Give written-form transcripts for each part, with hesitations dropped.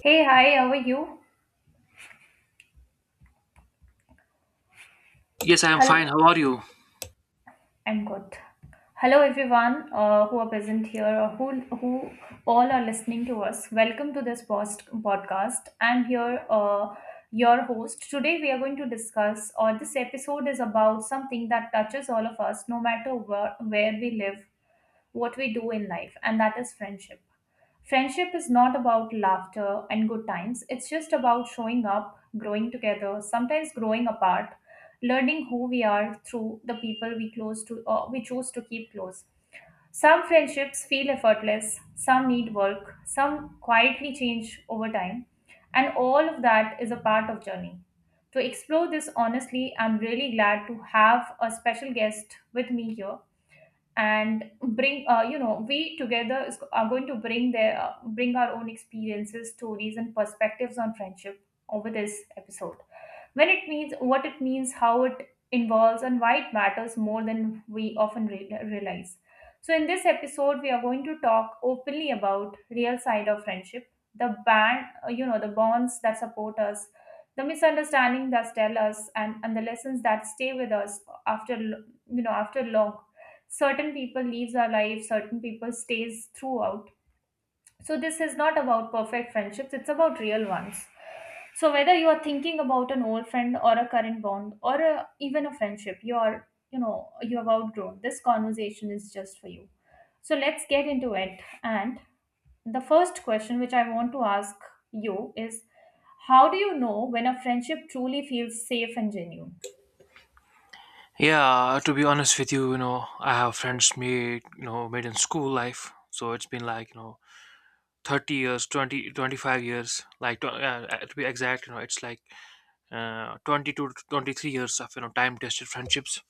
Hey, hi, how are you? Yes, I am Hello, fine. How are you? I'm good. Hello, everyone who are present here or who all are listening to us. Welcome to this post podcast. I'm here, your host. Today, we are going to discuss, or this episode is about something that touches all of us, no matter where we live, what we do in life, and that is friendship. Friendship is not about laughter and good times. It's just about showing up, growing together, sometimes growing apart, learning who we are through the people we close to or we choose to keep close. Some friendships feel effortless, some need work, some quietly change over time, and all of that is a part of journey. To explore this honestly, I'm really glad to have a special guest with me here and bring we together is, are going to bring their bring our own experiences stories and perspectives on friendship over this episode when it means, what it means, how it involves, and why it matters more than we often realize. So, in this episode, we are going to talk openly about real side of friendship, the band, the bonds that support us, the misunderstanding that tell us, and the lessons that stay with us after, after long. Certain people leaves our life, certain people stays throughout so, this is not about perfect friendships, it's about real ones. So, whether you are thinking about an old friend or a current bond or a, even a friendship, you are, you have outgrown. This conversation is just for you. So, let's get into it. And the first question which I want to ask you is how do you know when a friendship truly feels safe and genuine? Yeah, to be honest with you, you know, I have friends made, made in school life. So it's been like, you know, 30 years, 20, 25 years, like to be exact. You know, it's like 22 to 23 years of, you know, time tested friendships.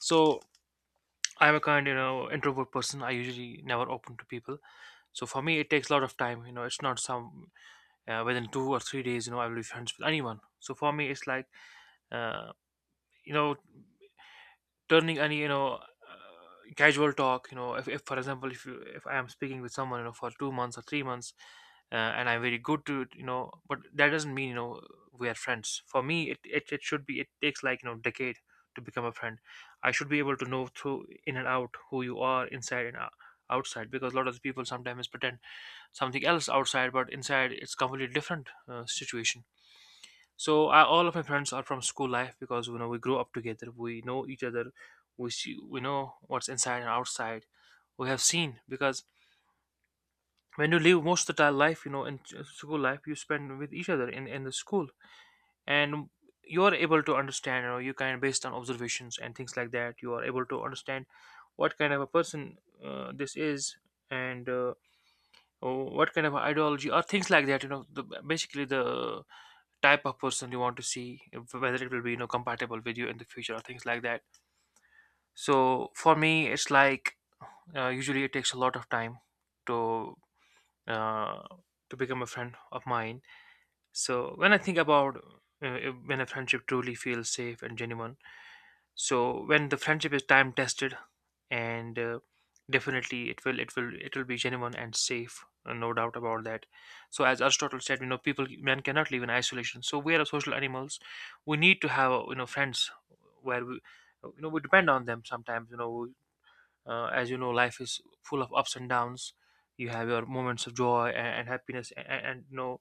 So I'm a kind, you know, introvert person. I usually never open to people. So for me, it takes a lot of time. You know, it's not some within 2 or 3 days. You know, I will be friends with anyone. So for me, it's like uh, you know turning any casual talk. You know, if, for example, if I am speaking with someone, you know, for 2 months or 3 months, and I'm very good to it, you know, but that doesn't mean, you know, we are friends. For me, it should be, it takes like, you know, decade to become a friend. I should be able to know through in and out who you are inside and out outside, because a lot of people sometimes pretend something else outside but inside it's completely different situation. So all of my friends are from school life, because you know we grew up together. We know each other. We see, we know what's inside and outside. We have seen, because when you live most of the time life, you know, in school life, you spend with each other in the school, and you are able to understand. You know, you kind of based on observations and things like that. You are able to understand what kind of a person this is, and what kind of ideology or things like that. You know, the, basically the type of person you want to see whether it will be, you know, compatible with you in the future or things like that. So for me it's like, usually it takes a lot of time to, uh, to become a friend of mine. So when I think about, uh, when a friendship truly feels safe and genuine, so when the friendship is time tested, and definitely it will be genuine and safe, no doubt about that. So as Aristotle said, you know, people men cannot live in isolation, so we are social animals. We need to have, you know, friends where we, you know, we depend on them sometimes. You know, as you know, life is full of ups and downs. You have your moments of joy and happiness, and you know,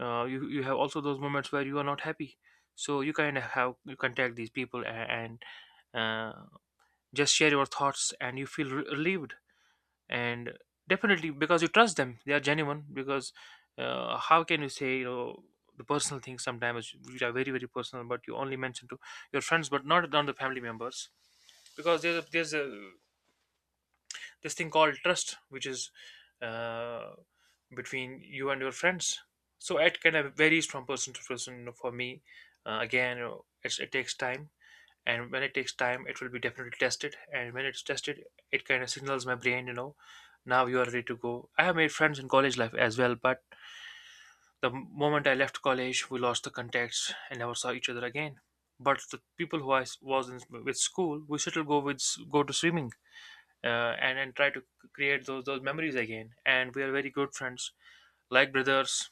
you have also those moments where you are not happy. So you kind of have you contact these people, and just share your thoughts and you feel relieved. And definitely, because you trust them, they are genuine. Because, how can you say, you know, the personal things sometimes, which are very very personal, but you only mention to your friends but not down the family members, because there's a this thing called trust, which is, uh, between you and your friends. So it kind of varies from person to person. You know, for me, again, you know, it takes time, and when it takes time it will be definitely tested, and when it's tested, it kind of signals my brain, you know, now you are ready to go. I have made friends in college life as well, but the moment I left college we lost the contacts and never saw each other again. But the people who was in, with school, we still go with go to swimming, uh, and try to create those memories again. And we are very good friends, like brothers.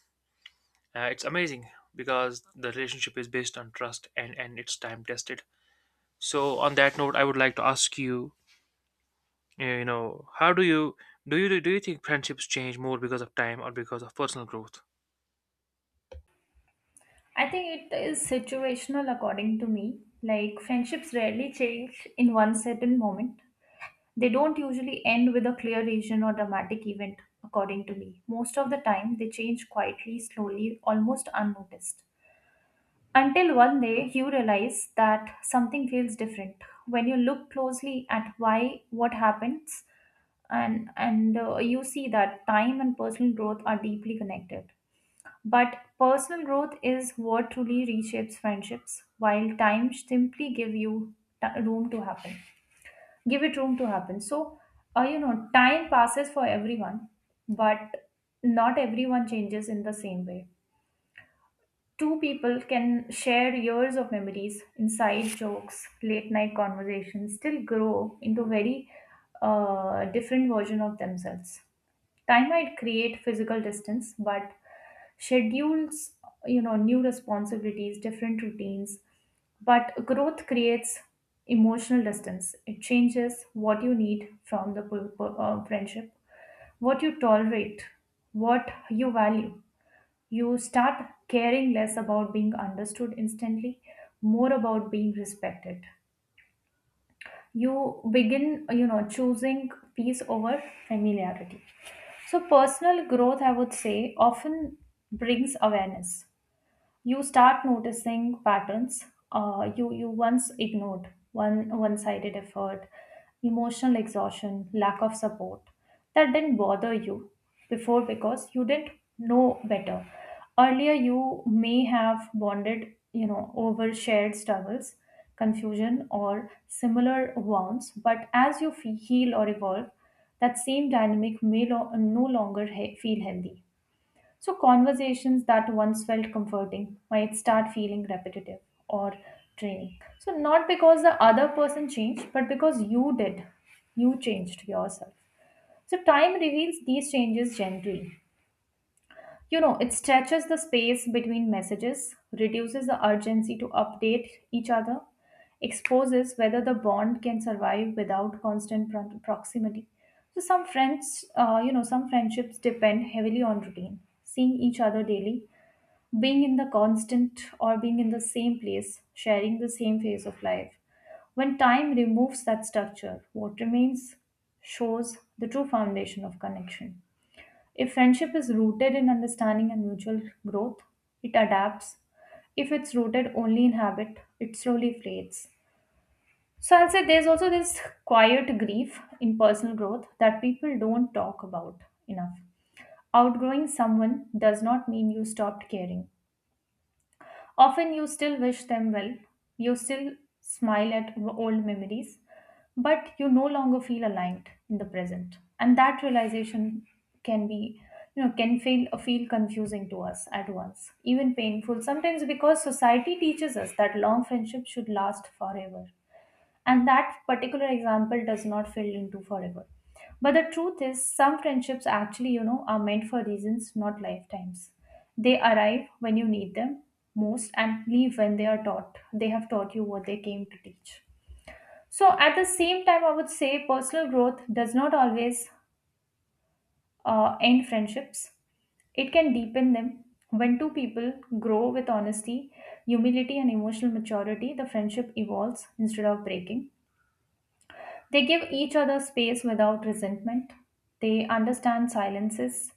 It's amazing because the relationship is based on trust and it's time tested. So on that note, I would like to ask you, you know, how do you do you think friendships change more because of time or because of personal growth? I think it is situational according to me. Like friendships rarely change in one certain moment. They don't usually end with a clear reason or dramatic event, according to me. Most of the time, they change quietly, slowly, almost unnoticed. Until one day, you realize that something feels different. When you look closely at why what happens, and you see that time and personal growth are deeply connected. But personal growth is what truly reshapes friendships, while time simply give you room to happen give it room to happen so uh, you know time passes for everyone but not everyone changes in the same way. Two people can share years of memories, inside jokes, late night conversations, still grow into very different version of themselves. Time might create physical distance, but schedules, you know, new responsibilities, different routines. But growth creates emotional distance. It changes what you need from the friendship, what you tolerate, what you value. You start caring less about being understood instantly, more about being respected. You begin, you know, choosing peace over familiarity. So, personal growth, I would say, often brings awareness. You start noticing patterns, you once ignored, one sided effort, emotional exhaustion, lack of support that didn't bother you before because you didn't know better. Earlier you may have bonded, you know, over shared struggles, confusion, or similar wounds, but as you heal or evolve, that same dynamic may no longer feel healthy. So, conversations that once felt comforting might start feeling repetitive or draining. So, not because the other person changed, but because you did. You changed yourself. So, time reveals these changes gently. You know, it stretches the space between messages, reduces the urgency to update each other, exposes whether the bond can survive without constant proximity. So some friends, some friendships depend heavily on routine, seeing each other daily, being in the constant or being in the same place, sharing the same phase of life. When time removes that structure, what remains shows the true foundation of connection. If friendship is rooted in understanding and mutual growth, it adapts. If it's rooted only in habit, it slowly fades. So I'll say there's also this quiet grief in personal growth that people don't talk about enough. Outgrowing someone does not mean you stopped caring. Often you still wish them well, you still smile at old memories, but you no longer feel aligned in the present. And that realization can be, you know, can feel confusing to us at once, even painful sometimes, because society teaches us that long friendships should last forever and that particular example does not fill into forever, but the truth is some friendships actually, you know, are meant for reasons not lifetimes. They arrive when you need them most and leave when they have taught you what they came to teach. So at the same time, I would say personal growth does not always end friendships. It can deepen them when two people grow with honesty, humility, and emotional maturity. The friendship evolves instead of breaking. They give each other space without resentment. They understand silences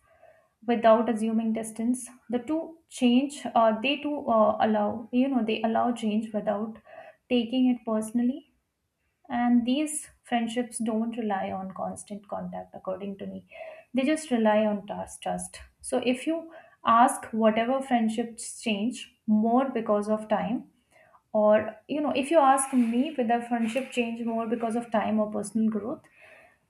without assuming distance. The two change, they too allow, you know, they allow change without taking it personally. And these friendships don't rely on constant contact, according to me. They just rely on trust. Trust. So if you ask whatever friendships change more because of time, or you know, if you ask me whether friendship change more because of time or personal growth,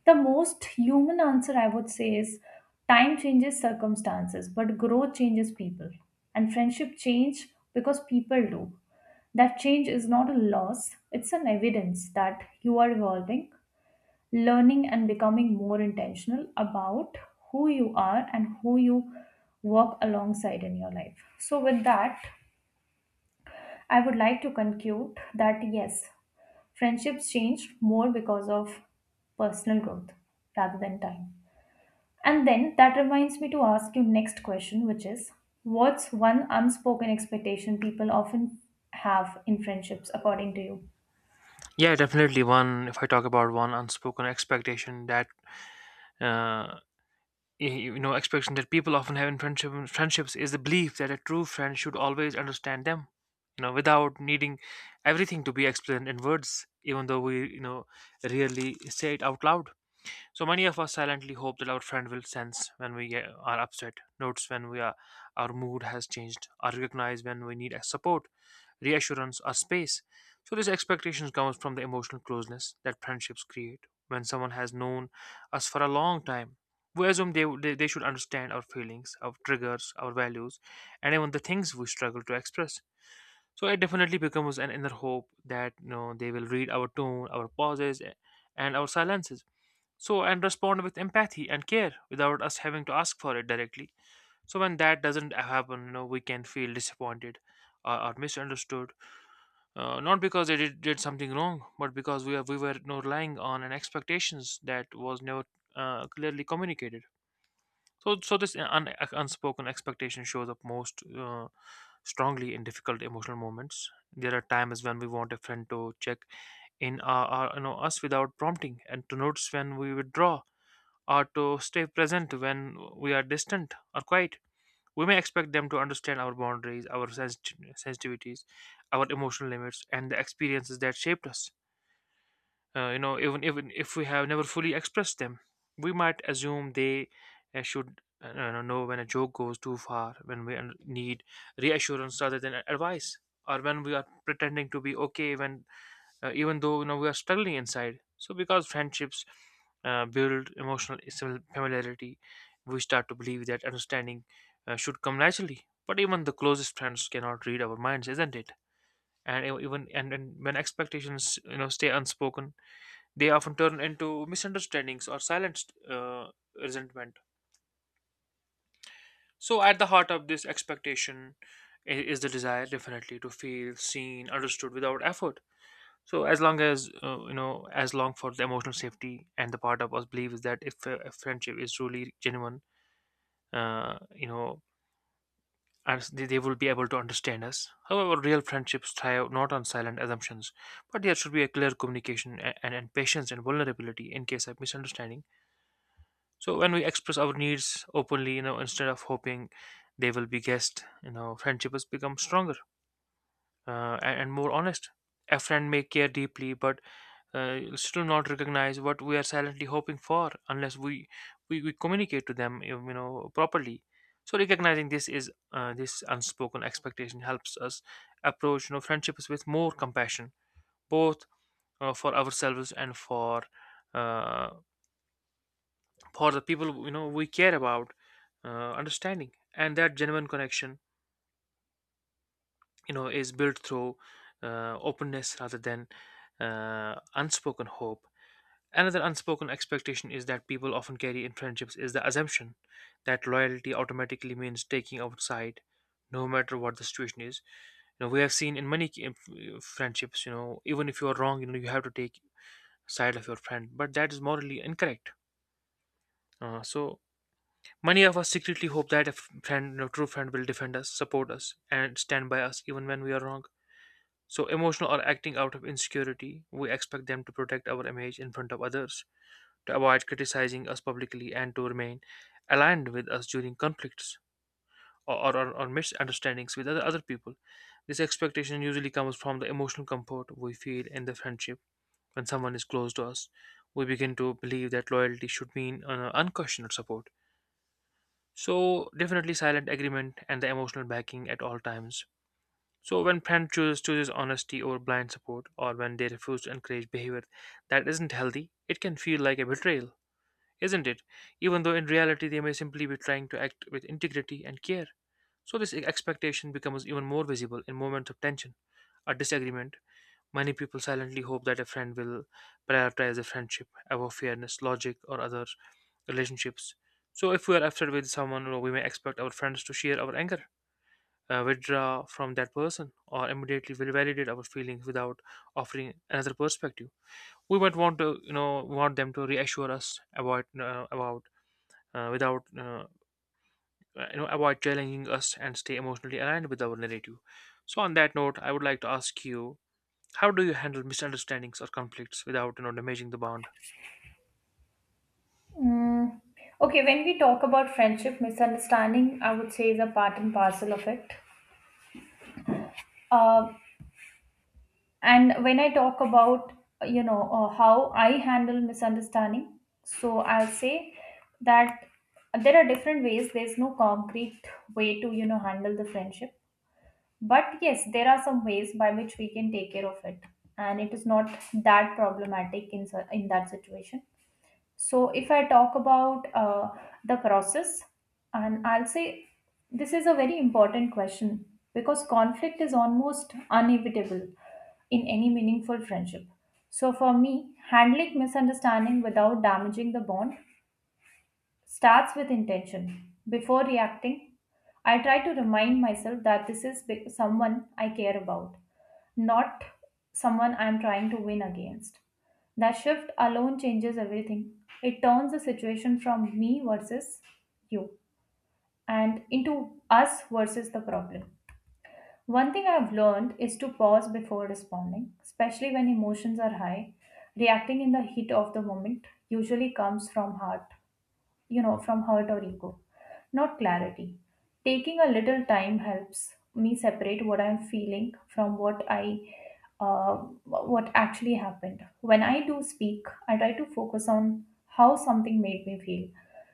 the most human answer I would say is time changes circumstances, but growth changes people. And friendship change because people do. That change is not a loss, it's an evidence that you are evolving, learning, and becoming more intentional about who you are and who you work alongside in your life. So, with that, I would like to conclude that yes, friendships change more because of personal growth rather than time. And then that reminds me to ask you next question, which is what's one unspoken expectation people often have in friendships according to you? Yeah, definitely one. If I talk about one unspoken expectation that, uh, you know, expectation that people often have in friendship, friendships is the belief that a true friend should always understand them, you know, without needing everything to be explained in words. Even though we, you know, rarely say it out loud, so many of us silently hope that our friend will sense when we are upset, notes when we are, our mood has changed, or recognize when we need support, reassurance, or space. So this expectation comes from the emotional closeness that friendships create. When someone has known us for a long time, we assume they should understand our feelings, our triggers, our values, and even the things we struggle to express. So it definitely becomes an inner hope that, you know, they will read our tone, our pauses, and our silences, so and respond with empathy and care without us having to ask for it directly. So when that doesn't happen, you know, we can feel disappointed or misunderstood, not because they did something wrong, but because we were, you know, relying on an expectations that was never clearly communicated. So so this unspoken expectation shows up most strongly in difficult emotional moments. There are times when we want a friend to check in our, you know, us without prompting, and to notice when we withdraw, or to stay present when we are distant or quiet. We may expect them to understand our boundaries, our sensitivities, our emotional limits, and the experiences that shaped us. You know, even even if we have never fully expressed them, we might assume they, should, you know when a joke goes too far, when we need reassurance rather than advice, or when we are pretending to be okay when, even though, you know, we are struggling inside. So because friendships, build emotional familiarity, we start to believe that understanding, should come naturally. But even the closest friends cannot read our minds, isn't it? And e- even and when expectations, you know, stay unspoken, they often turn into misunderstandings or silent, uh, resentment. So at the heart of this expectation is the desire, definitely, to feel seen, understood without effort. So as long as, you know, as long for the emotional safety, and the part of us believes that if a friendship is truly genuine, you know, and they will be able to understand us. However, real friendships thrive not on silent assumptions, but there should be a clear communication, and patience and vulnerability in case of misunderstanding. So when we express our needs openly, you know, instead of hoping they will be guessed, you know, friendship has become stronger, and more honest. A friend may care deeply but, still not recognize what we are silently hoping for, unless we we communicate to them, you know, properly. So recognizing this is, this unspoken expectation helps us approach, you know, friendships with more compassion, both, for ourselves and for, uh, for the people, you know, we care about. Understanding and that genuine connection, you know, is built through, openness rather than, unspoken hope. Another unspoken expectation is that people often carry in friendships is the assumption that loyalty automatically means taking our side, no matter what the situation is. You know, we have seen in many friendships, you know, even if you are wrong, you know, you have to take side of your friend, but that is morally incorrect. So many of us secretly hope that a friend, you know, true friend, will defend us, support us, and stand by us even when we are wrong. So emotional or acting out of insecurity, we expect them to protect our image in front of others, to avoid criticizing us publicly, and to remain aligned with us during conflicts or misunderstandings with other people. This expectation usually comes from the emotional comfort we feel in the friendship when someone is close to us. We begin to believe that loyalty should mean, unquestioned support. So, definitely silent agreement and the emotional backing at all times. So, when friend chooses honesty over blind support, or when they refuse to encourage behavior that isn't healthy, it can feel like a betrayal, isn't it? Even though in reality they may simply be trying to act with integrity and care. So this expectation becomes even more visible in moments of tension or disagreement. Many people silently hope that a friend will prioritize the friendship above fairness, logic, or other relationships. So if we are upset with someone, you know, we may expect our friends to share our anger, withdraw from that person, or immediately will validate our feelings without offering another perspective. We might want to, you know, want them to reassure us about without avoid challenging us and stay emotionally aligned with our narrative. So on that note, I would like to ask you, how do you handle misunderstandings or conflicts without damaging the bond? Mm. Okay, when we talk about friendship, misunderstanding, I would say is a part and parcel of it. Uh, and when I talk about, you know, how I handle misunderstanding, so I'll say that there are different ways. There's no concrete way to, you know, handle the friendship. But yes, there are some ways by which we can take care of it, and it is not that problematic in in that situation. So if I talk about the process, and I'll say this is a very important question because conflict is almost inevitable in any meaningful friendship. So for me, handling misunderstanding without damaging the bond starts with intention. Before reacting, I try to remind myself that this is someone I care about, not someone I am trying to win against. That shift alone changes everything. It turns the situation from me versus you and into us versus the problem. One thing I've learned is to pause before responding, especially when emotions are high. Reacting in the heat of the moment usually comes from heart, you know, from hurt or ego, not clarity. Taking a little time helps me separate what I'm feeling from what I uh, what actually happened. When I do speak, I try to focus on how something made me feel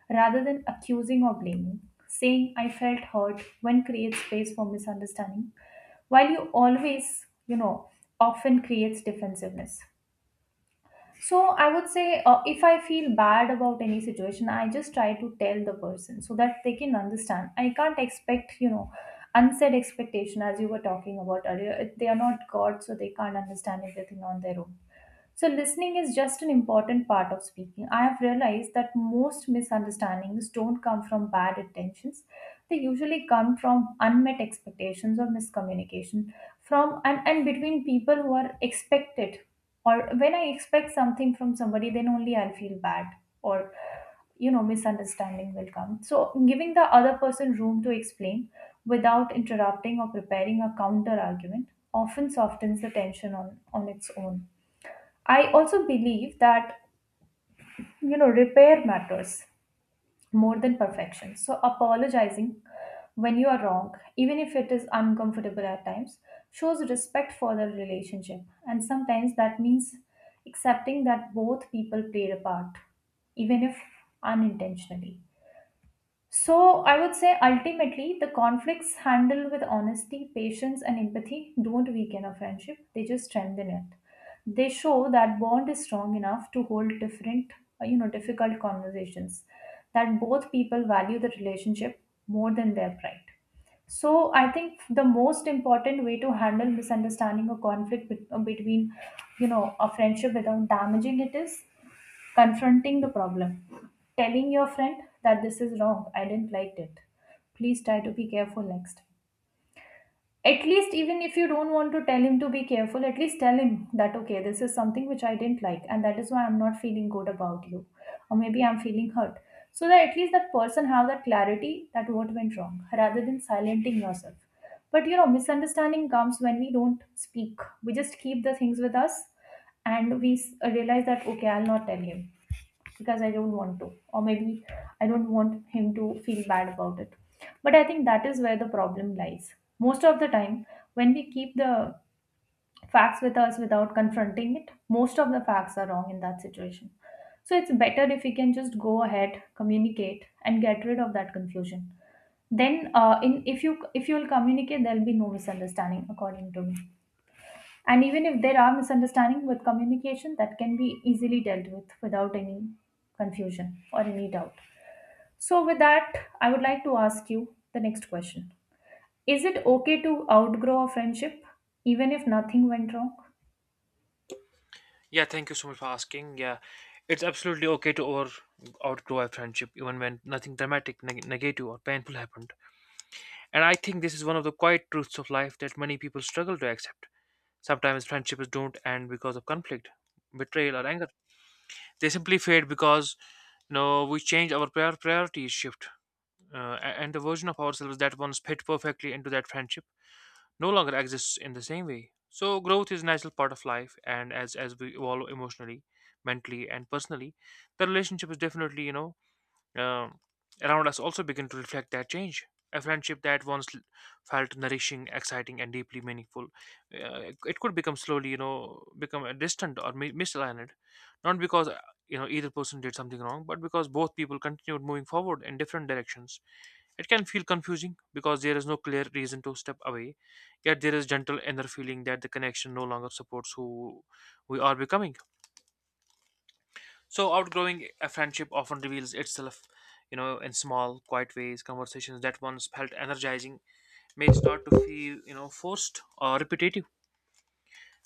rather than accusing or blaming. Saying I felt hurt when creates space for misunderstanding, while you always, you know, often creates defensiveness. So I would say if I feel bad about any situation, I just try to tell the person so that they can understand. I can't expect, you know, unsaid expectation as you were talking about earlier. They are not God, so they can't understand everything on their own. So, listening is just an important part of speaking. I have realized that most misunderstandings don't come from bad intentions, they usually come from unmet expectations or miscommunication from and between people who are expected. Or when I expect something from somebody, then only I'll feel bad or, you know, misunderstanding will come. So, giving the other person room to explain without interrupting or preparing a counter argument often softens the tension on its own. I also believe that, you know, repair matters more than perfection. So apologizing when you are wrong, even if it is uncomfortable at times, shows respect for the relationship. And sometimes that means accepting that both people played a part, even if unintentionally. So, I would say ultimately, the conflicts handled with honesty, patience, and empathy don't weaken a friendship, they just strengthen it. They show that bond is strong enough to hold different, difficult conversations, that both people value the relationship more than their pride. So, I think the most important way to handle misunderstanding or conflict between, you know, a friendship without damaging it is confronting the problem. Telling your friend that this is wrong, I didn't like it. Please try to be careful next time. At least, even if you don't want to tell him to be careful, at least tell him that, okay, this is something which I didn't like, and that is why I'm not feeling good about you. Or maybe I'm feeling hurt. So that at least that person have that clarity that what went wrong, rather than silencing yourself. But you know, misunderstanding comes when we don't speak. We just keep the things with us and we realize that, okay, I'll not tell him because I don't want to, or maybe I don't want him to feel bad about it. But I think that is where the problem lies. Most of the time, when we keep the facts with us without confronting it, most of the facts are wrong in that situation. So it's better if we can just go ahead, communicate, and get rid of that confusion. Then, in If you will communicate, there'll be no misunderstanding, according to me. And even if there are misunderstandings with communication, that can be easily dealt with without any confusion or any doubt. So, with that, I would like to ask you the next question: is it okay to outgrow a friendship even if nothing went wrong? Yeah, thank you so much for asking. Yeah, it's absolutely okay to over outgrow a friendship even when nothing dramatic, negative, or painful happened. And I think this is one of the quiet truths of life that many people struggle to accept. Sometimes friendships don't end because of conflict, betrayal, or anger. They simply fade because, you know, we change, our priorities shift, and the version of ourselves that once fit perfectly into that friendship no longer exists in the same way. So growth is a natural part of life, and as we evolve emotionally, mentally, and personally, the relationship is definitely, you know, um around us also begin to reflect that change. A friendship that once felt nourishing, exciting, and deeply meaningful, it could become slowly, you know, become distant or misaligned, not because, you know, either person did something wrong, but because both people continued moving forward in different directions. It can feel confusing because there is no clear reason to step away, yet there is gentle inner feeling that the connection no longer supports who we are becoming. So outgrowing a friendship often reveals itself, you know, in small, quiet ways. Conversations that once felt energizing may start to feel, you know, forced or repetitive.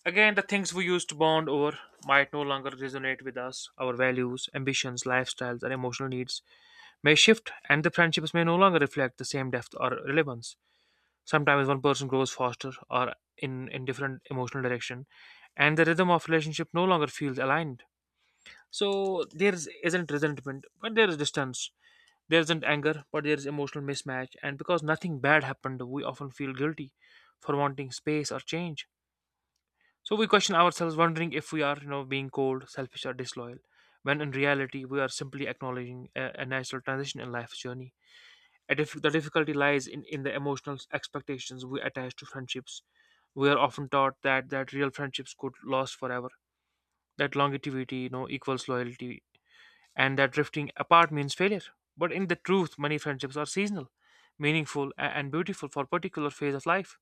Again, the things we used to bond over might no longer resonate with us. Our values, ambitions, lifestyles, and emotional needs may shift, and the friendships may no longer reflect the same depth or relevance. Sometimes one person grows faster or in different emotional direction, and the rhythm of relationship no longer feels aligned. So isn't resentment, but there is distance. There isn't anger, but there is emotional mismatch. And because nothing bad happened, we often feel guilty for wanting space or change. So we question ourselves, wondering if we are, you know, being cold, selfish, or disloyal, when in reality we are simply acknowledging a natural transition in life's journey. The difficulty lies in the emotional expectations we attach to friendships. We are often taught that real friendships could last forever, that longevity, you know, equals loyalty, and that drifting apart means failure. But in the truth, many friendships are seasonal, meaningful, and beautiful for a particular phase of life.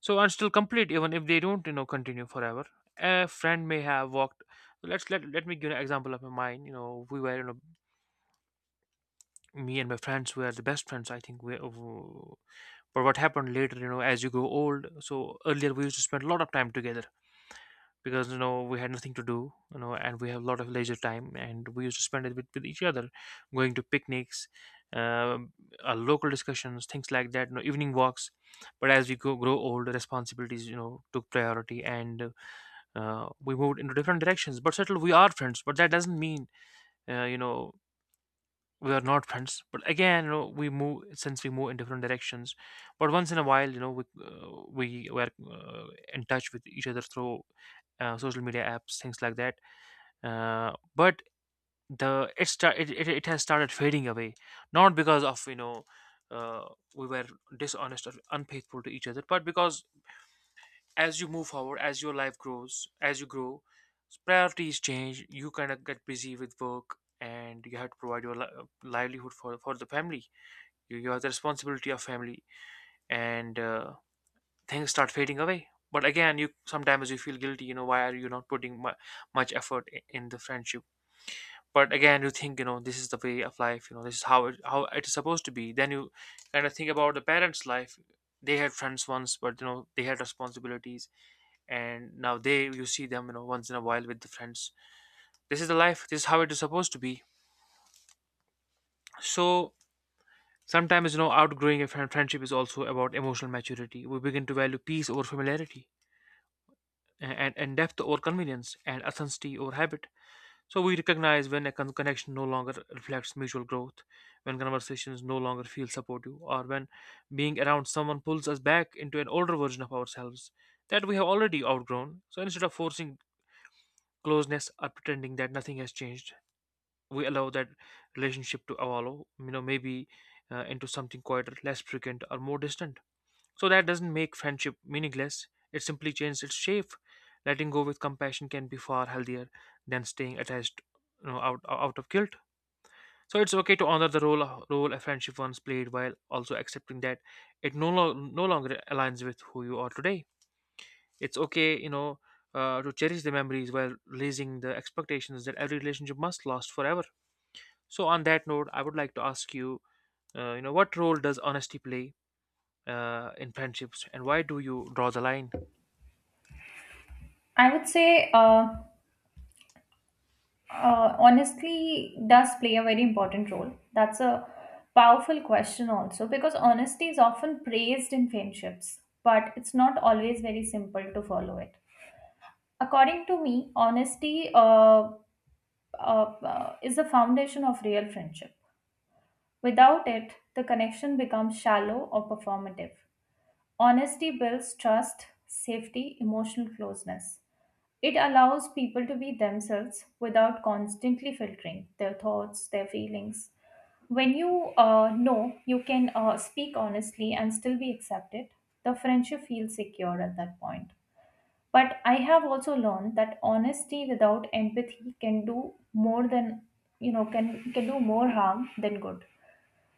So and still complete, even if they don't, you know, continue forever. A friend may have walked. Let's let let me give an example of mine. You know, we were, you know, me and my friends were the best friends. I think we. But what happened later, you know, as you grow old, so earlier we used to spend a lot of time together because, you know, we had nothing to do, you know, and we have a lot of leisure time and we used to spend it with each other, going to picnics, um local discussions, things like that, you know, evening walks. But as we grow old, responsibilities, you know, took priority and, we moved into different directions. But still, we are friends, but that doesn't mean, you know, we are not friends, but again, you know, we move since we move in different directions, but once in a while, you know, we were uh, in touch with each other through social media apps, things like that. But the it, start, it has started fading away, not because of, you know, uh, we were dishonest or unfaithful to each other, but because as you move forward, as your life grows, as you grow, priorities change, you kind of get busy with work and you have to provide your livelihood for the family. You you have the responsibility of family, and things start fading away. But again, you sometimes you feel guilty, you know, why are you not putting much effort in the friendship? But again, you think, you know, this is the way of life, you know, this is how it is supposed to be. Then you kind of think about the parents life. They had friends once, but you know, they had responsibilities, and now they, you see them, you know, once in a while with the friends. This is the life, this is how it is supposed to be. So sometimes, you know, outgrowing a friendship is also about emotional maturity. We begin to value peace over familiarity, and depth over convenience, and authenticity over habit. So we recognize when a connection no longer reflects mutual growth, when conversations no longer feel supportive, or when being around someone pulls us back into an older version of ourselves that we have already outgrown. So instead of forcing closeness or pretending that nothing has changed, we allow that relationship to evolve, you know, maybe into something quieter, less frequent, or more distant. So that doesn't make friendship meaningless, it simply changes its shape. Letting go with compassion can be far healthier than staying attached, you know, out of guilt. So it's okay to honor the role a friendship once played while also accepting that it no longer aligns with who you are today. It's okay, you know, to cherish the memories while raising the expectations that every relationship must last forever. So on that note, I would like to ask you, you know, what role does honesty play in friendships, and why do you draw the line? I would say, honestly, does play a very important role. That's a powerful question, also, because honesty is often praised in friendships, but it's not always very simple to follow it. According to me, honesty is the foundation of real friendship. Without it, the connection becomes shallow or performative. Honesty builds trust, safety, emotional closeness. It allows people to be themselves without constantly filtering their thoughts, their feelings. When you know you can speak honestly and still be accepted, the friendship feels secure at that point. But I have also learned that honesty without empathy can do more than, you know, can do more harm than good.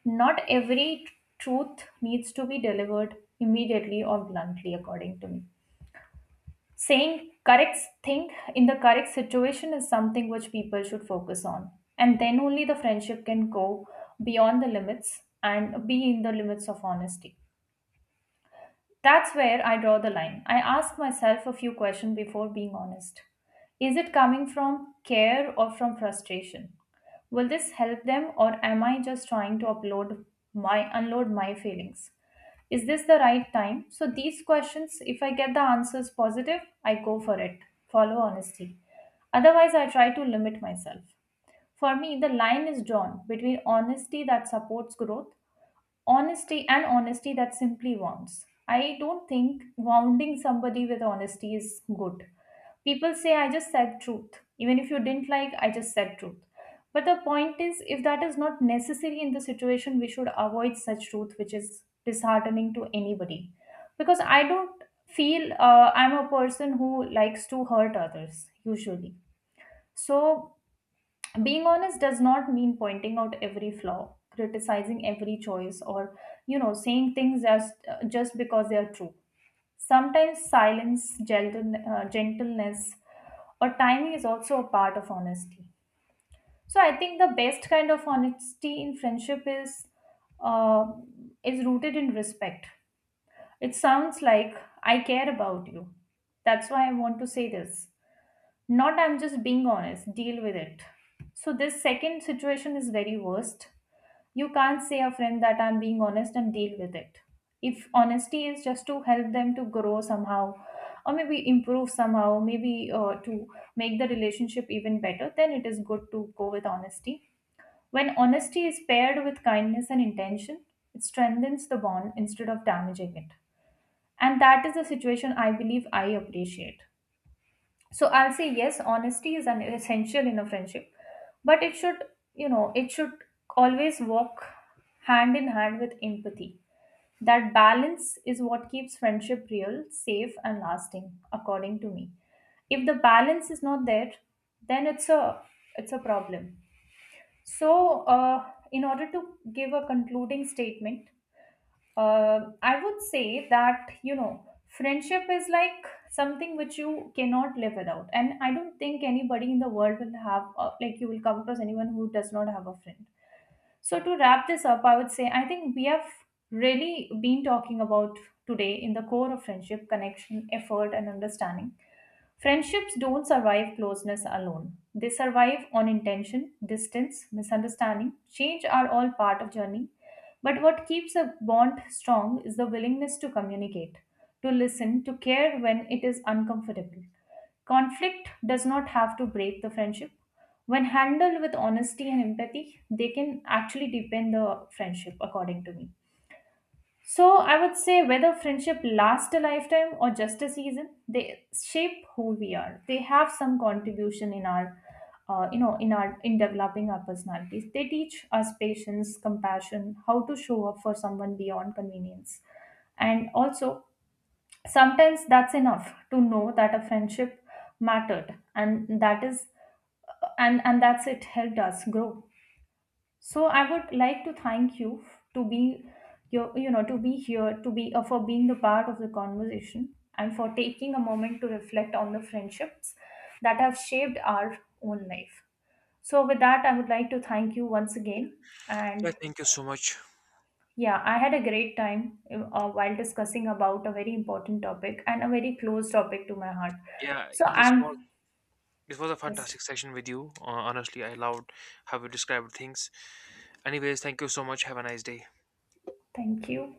Not every tr- Truth needs to be delivered immediately or bluntly, according to me. Saying correct thing in the correct situation is something which people should focus on. And then only the friendship can go beyond the limits and be in the limits of honesty. That's where I draw the line. I ask myself a few questions before being honest. Is it coming from care or from frustration? Will this help them, or am I just trying to upload my unload my feelings? Is this the right time? So these questions, if I get the answers positive, I go for it. Follow honesty. Otherwise, I try to limit myself. For me, the line is drawn between honesty that supports growth Honesty and honesty that simply wounds. I don't think wounding somebody with honesty is good. People say, I just said truth. Even if you didn't like, I just said truth. But the point is, if that is not necessary in the situation, we should avoid such truth, which is disheartening to anybody. Because I don't feel I'm a person who likes to hurt others, usually. So being honest does not mean pointing out every flaw, criticizing every choice, or you know, saying things just because they are true. Sometimes silence, gentleness, or timing is also a part of honesty. So I think the best kind of honesty in friendship uh, is rooted in respect. It sounds like, I care about you, that's why I want to say this, not I'm just being honest, deal with it. So this second situation is very worst. You can't say a friend that I'm being honest and deal with it. If honesty is just to help them to grow somehow, or maybe improve somehow, maybe to make the relationship even better, then it is good to go with honesty. When honesty is paired with kindness and intention, it strengthens the bond instead of damaging it. And that is the situation I believe I appreciate. So I'll say yes, honesty is an essential in a friendship, but it should, you know, it should always walk hand in hand with empathy. That balance is what keeps friendship real, safe, and lasting according to me. If the balance is not there, then it's a problem. So in order to give a concluding statement, I would say that, you know, friendship is like something which you cannot live without. And I don't think anybody in the world will have, like, you will come across anyone who does not have a friend. So, to wrap this up, I would say I think we have really been talking about today in the core of friendship, connection, effort, and understanding. Friendships don't survive closeness alone. They survive on intention. Distance, misunderstanding, change are all part of journey. But what keeps a bond strong is the willingness to communicate, to listen, to care when it is uncomfortable. Conflict does not have to break the friendship. When handled with honesty and empathy, they can actually deepen the friendship according to me. So I would say whether friendship lasts a lifetime or just a season, they shape who we are. They have some contribution in our, you know, in developing our personalities. They teach us patience, compassion, how to show up for someone beyond convenience, and also sometimes that's enough to know that a friendship mattered, and that is, and that's it helped us grow. So I would like to thank you to be your you know to be here, to be for being the part of the conversation and for taking a moment to reflect on the friendships that have shaped our own life. So with that, I would like to thank you once again. Yeah, And thank you so much. yeah, I had a great time while discussing about a very important topic and a very close topic to my heart. Yeah, So I'm this was a yes, fantastic session with you. Honestly, I loved how you described things. Anyways, thank you so much. Have a nice day. thank you.